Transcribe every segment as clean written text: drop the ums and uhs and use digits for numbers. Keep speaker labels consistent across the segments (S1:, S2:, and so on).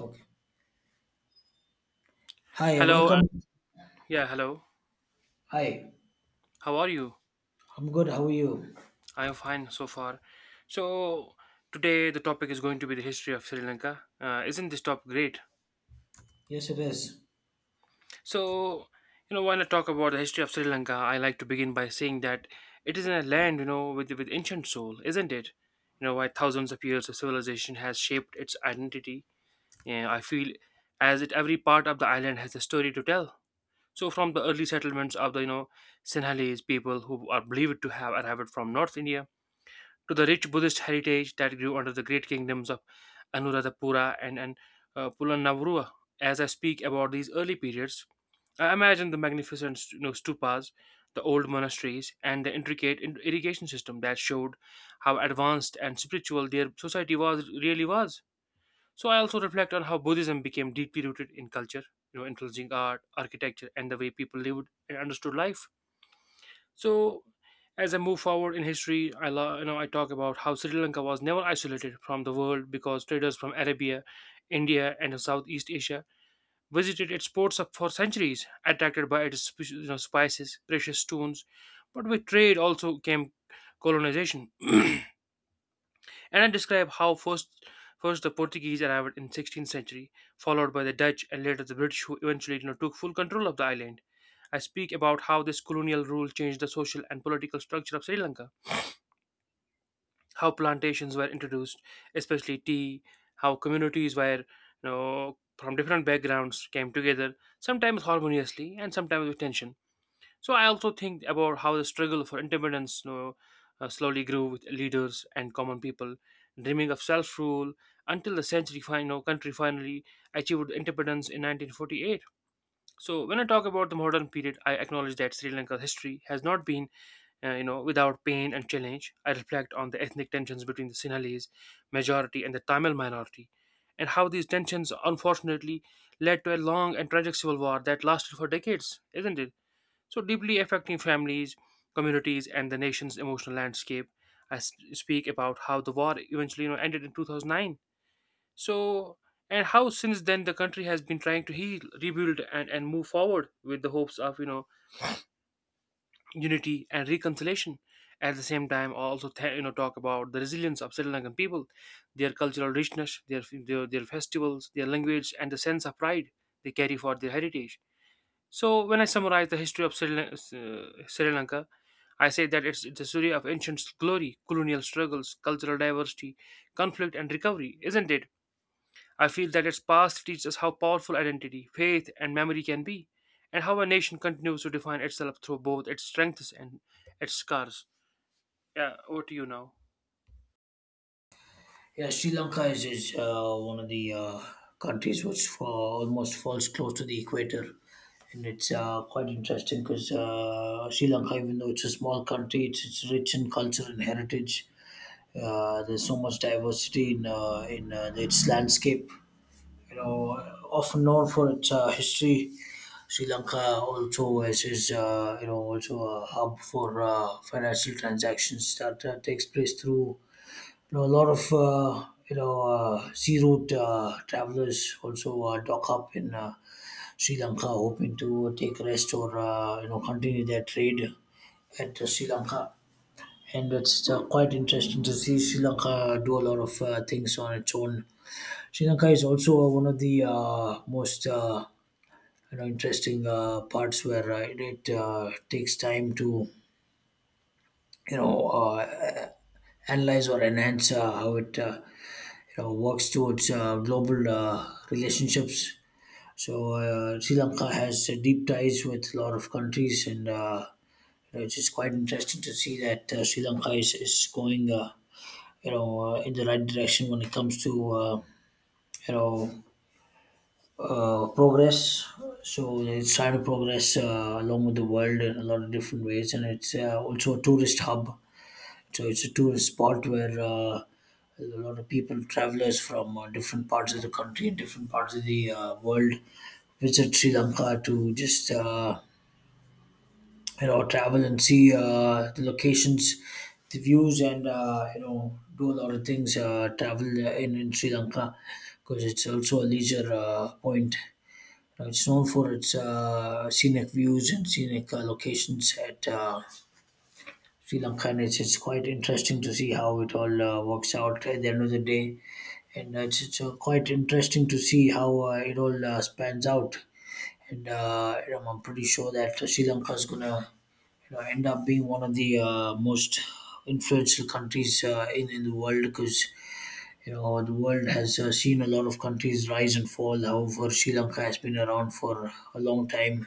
S1: Okay. Hi,
S2: Hello,
S1: welcome.
S2: yeah, hello.
S1: Hi.
S2: How are you?
S1: I'm good. How are you?
S2: I am fine so far. So, Today the topic is going to be the history of Sri Lanka. Isn't this topic great?
S1: Yes, it is.
S2: So, when I talk about the history of Sri Lanka, I like to begin by saying that it is a land, with ancient soul, isn't it? Why thousands of years of civilization has shaped its identity. Yeah, I feel as it every part of the island has a story to tell. So, from the early settlements of the Sinhalese people who are believed to have arrived from North India, to the rich Buddhist heritage that grew under the great kingdoms of Anuradhapura and Pulanavruwa. As I speak about these early periods, I imagine the magnificent stupas, the old monasteries, and the intricate irrigation system that showed how advanced and spiritual their society was really was. So I also reflect on how Buddhism became deeply rooted in culture, influencing art, architecture, and the way people lived and understood life. So as I move forward in history, I lo- you know I talk about how Sri Lanka was never isolated from the world because traders from Arabia, India, and Southeast Asia visited its for centuries, attracted by its spices, precious stones. But with trade also came colonization. And I describe how first the Portuguese arrived in 16th century, followed by the Dutch and later the British who eventually, took full control of the island. I speak about how this colonial rule changed the social and political structure of Sri Lanka, how plantations were introduced, especially tea, how communities were, from different backgrounds came together, sometimes harmoniously and sometimes with tension. So I also think about how the struggle for independence, slowly grew with leaders and common people, dreaming of self-rule until the century final country finally achieved independence in 1948. So when I talk about the modern period, I acknowledge that Sri Lanka's history has not been, without pain and challenge. I reflect on the ethnic tensions between the Sinhalese majority and the Tamil minority, and how these tensions unfortunately led to a long and tragic civil war that lasted for decades, isn't it? So deeply affecting families, communities, and the nation's emotional landscape. Speak about how the war eventually, ended in 2009. So, and how since then the country has been trying to heal, rebuild, and move forward with the hopes of, unity and reconciliation. At the same time, also talk about the resilience of Sri Lankan people, their cultural richness, their, their festivals, their language, and the sense of pride they carry for their heritage. So, when I summarize the history of Sri Lanka, I say that it's the story of ancient glory, colonial struggles, cultural diversity, conflict, and recovery, isn't it? I feel that its past teaches us how powerful identity, faith, and memory can be, and how a nation continues to define itself through both its strengths and its scars. Yeah, over to you now.
S1: Yeah, Sri Lanka is one of the countries which almost falls close to the equator. And it's quite interesting because Sri Lanka, even though it's a small country, it's rich in culture and heritage. There's so much diversity in, in its landscape. you know, Often known for its history. Sri Lanka also is also a hub for financial transactions that takes place through, a lot of, sea route travelers also dock up in Sri Lanka hoping to take rest or, continue their trade at Sri Lanka. And it's quite interesting to see Sri Lanka do a lot of things on its own. Sri Lanka is also one of the most interesting parts where it takes time to you know uh, analyze or enhance how it works towards global relationships. So Sri Lanka has deep ties with a lot of countries, and it's just quite interesting to see that Sri Lanka is going you know in the right direction when it comes to you know progress. So it's trying to progress along with the world in a lot of different ways, and it's also a tourist hub. So it's a tourist spot where a lot of people, travelers from different parts of the country and different parts of the world, visit Sri Lanka to just travel and see the locations, the views, and do a lot of things. Travel in Sri Lanka because it's also a leisure point. It's known for its scenic views and scenic locations at Sri Lanka, and it's quite interesting to see how it all works out at the end of the day. And it's quite interesting to see how it all spans out. And I'm pretty sure that Sri Lanka is going to end up being one of the most influential countries in the world because the world has seen a lot of countries rise and fall. However, Sri Lanka has been around for a long time,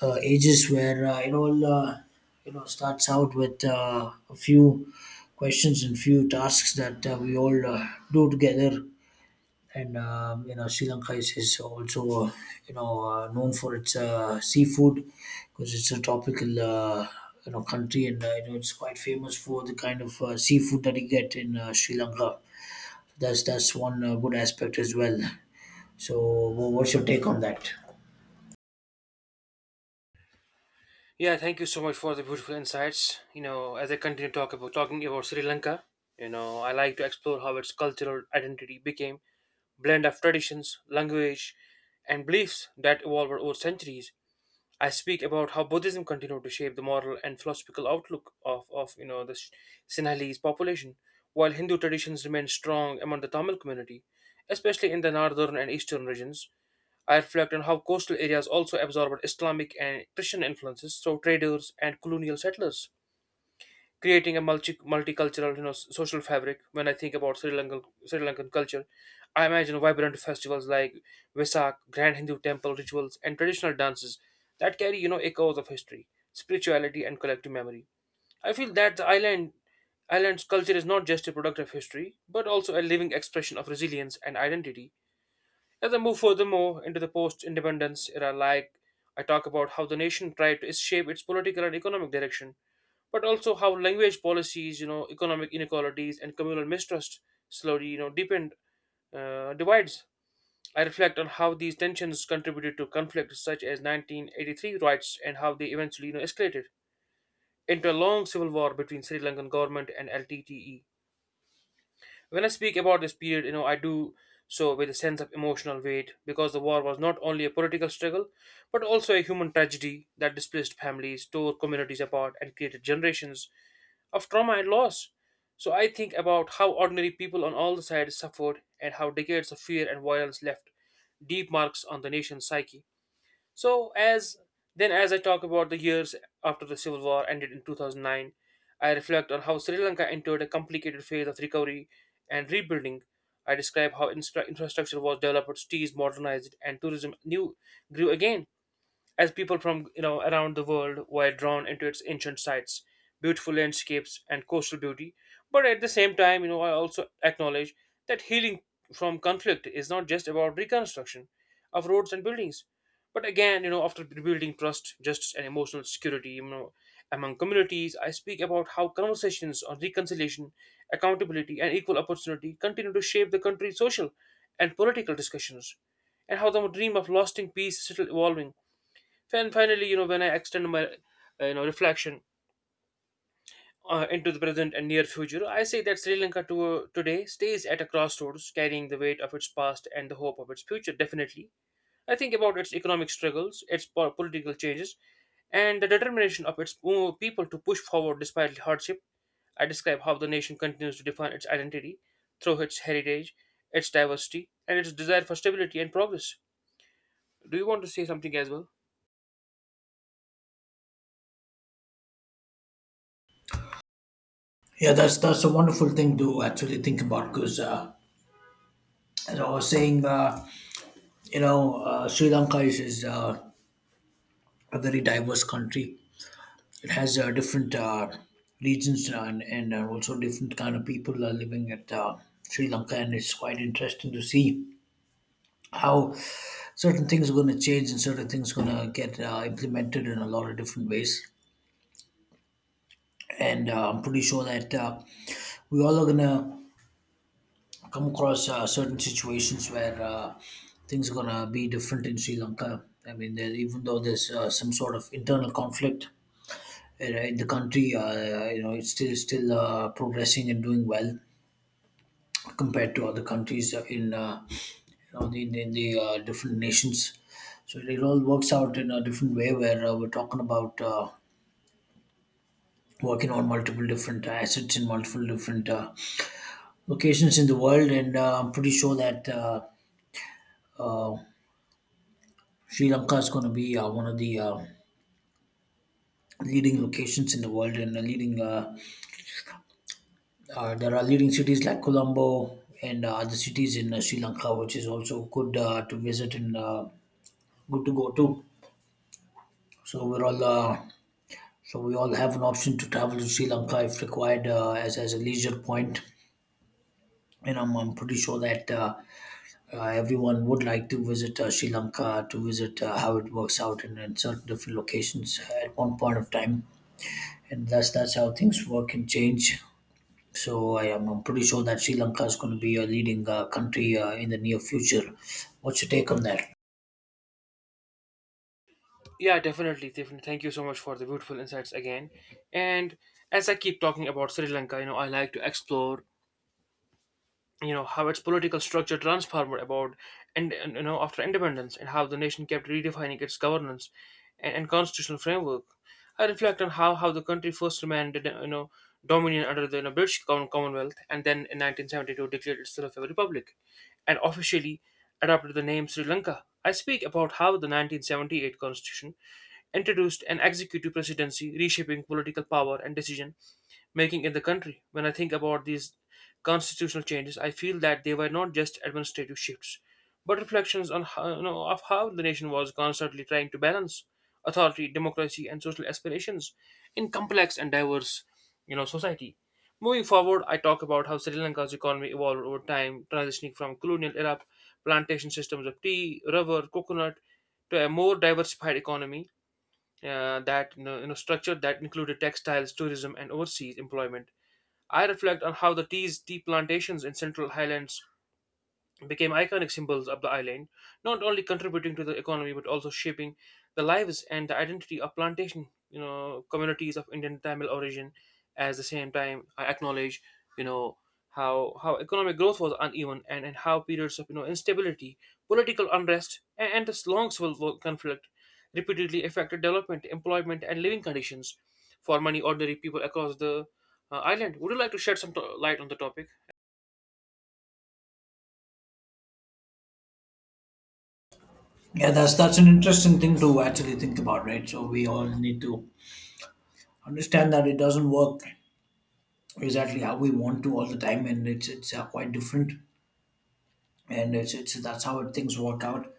S1: ages where it all starts out with a few questions and few tasks that we all do together. And Sri Lanka is also you know known for its seafood because it's a tropical country, and it's quite famous for the kind of seafood that you get in Sri Lanka. That's one good aspect as well. So what's your take on that?
S2: Yeah, thank you so much for the beautiful insights. You know, as I continue talking about Sri Lanka, you know, I like to explore how its cultural identity became blend of traditions, language, and beliefs that evolved over centuries. I speak about how Buddhism continued to shape the moral and philosophical outlook of, of the Sinhalese population, while Hindu traditions remain strong among the Tamil community, especially in the northern and eastern regions. I reflect on how coastal areas also absorbed Islamic and Christian influences through traders and colonial settlers, creating a multicultural, s- social fabric. When I think about Sri Lankan culture, I imagine vibrant festivals like Vesak, grand Hindu temple rituals, and traditional dances that carry, echoes of history, spirituality, and collective memory. I feel that the island's culture is not just a product of history, but also a living expression of resilience and identity. As I move furthermore into the post independence era, I talk about how the nation tried to shape its political and economic direction, but also how language policies, economic inequalities, and communal mistrust slowly, deepened divides. I reflect on how these tensions contributed to conflicts such as 1983 riots and how they eventually, escalated into a long civil war between Sri Lankan government and LTTE. When I speak about this period, I do so with a sense of emotional weight, because the war was not only a political struggle but also a human tragedy that displaced families, tore communities apart, and created generations of trauma and loss. So I think about how ordinary people on all the sides suffered, and how decades of fear and violence left deep marks on the nation's psyche. So as I talk about the years after the civil war ended in 2009, I reflect on how Sri Lanka entered a complicated phase of recovery and rebuilding. I describe how infrastructure was developed, cities modernized, and tourism new grew again as people from, around the world were drawn into its ancient sites, beautiful landscapes, and coastal beauty. But at the same time, I also acknowledge that healing from conflict is not just about reconstruction of roads and buildings, but again, after rebuilding trust, justice, and emotional security, among communities. I speak about how conversations on reconciliation, accountability, and equal opportunity continue to shape the country's social and political discussions, and how the dream of lasting peace is still evolving. And finally, when I extend my reflection into the present and near future, I say that Sri Lanka today stays at a crossroads, carrying the weight of its past and the hope of its future. Definitely, I think about its economic struggles, its political changes, and the determination of its people to push forward despite hardship. I describe how the nation continues to define its identity through its heritage, its diversity, and its desire for stability and progress. Do you want to say something as well?
S1: Yeah, that's a wonderful thing to actually think about because as I was saying, Sri Lanka is a very diverse country. It has different regions, and also different kind of people are living at Sri Lanka, and it's quite interesting to see how certain things are going to change and certain things are going to get implemented in a lot of different ways. And I'm pretty sure that we all are going to come across certain situations where things are gonna be different in Sri Lanka. I mean, there, even though there's some sort of internal conflict in the country, it's still progressing and doing well compared to other countries in the different nations. So it all works out in a different way where we're talking about working on multiple different assets in multiple different locations in the world, and I'm pretty sure that uh, Sri Lanka is going to be one of the leading locations in the world, and the leading there are leading cities like Colombo and other cities in Sri Lanka, which is also good to visit and good to go to. So we all have an option to travel to Sri Lanka if required as a leisure point, and I'm pretty sure that. Everyone would like to visit Sri Lanka to visit how it works out in certain different locations at one point of time. And that's how things work and change. So I'm pretty sure that Sri Lanka is going to be a leading country in the near future. What's your take on that?
S2: Yeah, definitely, Tiffany. Thank you so much for the beautiful insights again. And as I keep talking about Sri Lanka, you know, I like to explore, how its political structure transformed about, and after independence, and how the nation kept redefining its governance and constitutional framework. I reflect on how the country first remained, dominion under the, British Commonwealth, and then in 1972 declared itself a republic and officially adopted the name Sri Lanka. I speak about how the 1978 constitution introduced an executive presidency, reshaping political power and decision making in the country. When I think about these constitutional changes, I feel that they were not just administrative shifts, but reflections on how, of how the nation was constantly trying to balance authority, democracy, and social aspirations in complex and diverse, society. Moving forward, I talk about how Sri Lanka's economy evolved over time, transitioning from colonial era plantation systems of tea, rubber, coconut, to a more diversified economy, that you know, structure that included textiles, tourism, and overseas employment. I reflect on how the tea plantations in Central Highlands became iconic symbols of the island, not only contributing to the economy but also shaping the lives and the identity of plantation, communities of Indian Tamil origin. At the same time, I acknowledge, you know, how economic growth was uneven, and how periods of, instability, political unrest, and this long civil war conflict repeatedly affected development, employment, and living conditions for many ordinary people across the island. Would you like to shed some light on the topic?
S1: Yeah, that's an interesting thing to actually think about, right? So we all need to understand that it doesn't work exactly how we want to all the time, and it's quite different, and it's that's how things work out,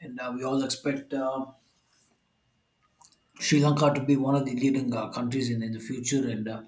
S1: and we all expect Sri Lanka to be one of the leading countries in the future, and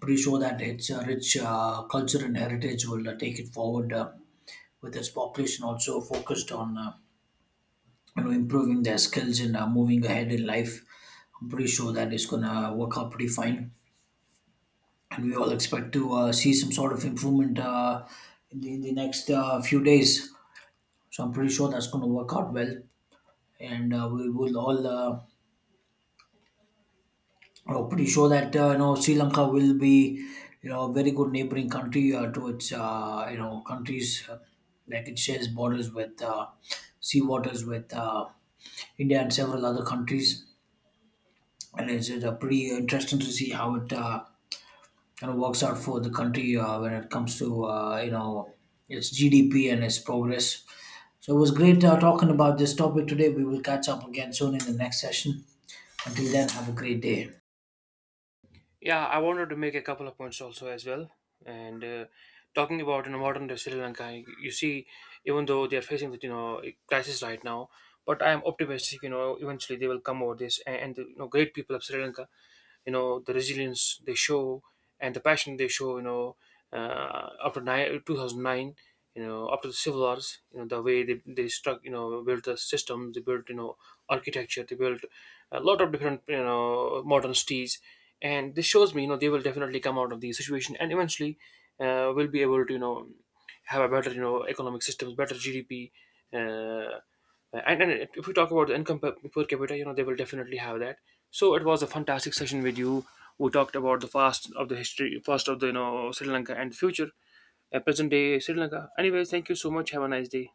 S1: pretty sure that its rich culture and heritage will take it forward with its population also focused on improving their skills and moving ahead in life. I'm pretty sure that it's gonna work out pretty fine, and we all expect to see some sort of improvement in the next few days. So I'm pretty sure that's gonna work out well, and we will all. Know, pretty sure that Sri Lanka will be a very good neighboring country to its countries like it shares borders with, sea waters with, India and several other countries. And it's pretty interesting to see how it kind of works out for the country when it comes to its GDP and its progress. So it was great talking about this topic today. We will catch up again soon in the next session. Until then, have a great day.
S2: Yeah, I wanted to make a couple of points also as well. And Talking about, modern day Sri Lanka, you see, even though they are facing the, crisis right now, but I am optimistic. You know, eventually they will come over this, and the, great people of Sri Lanka, the resilience they show and the passion they show, 2009, you know after the civil wars, you know the way they struck you know built the system they built, you know architecture they built, a lot of different, you know modern cities, and this shows me, you know, they will definitely come out of the situation, and eventually will be able to, you know, have a better, you know, economic systems, better GDP, uh, and if we talk about the income per capita, you know, they will definitely have that. So it was a fantastic session with you. We talked about the past of the you know, Sri Lanka and the future, present day Sri Lanka. Anyways, thank you so much, have a nice day.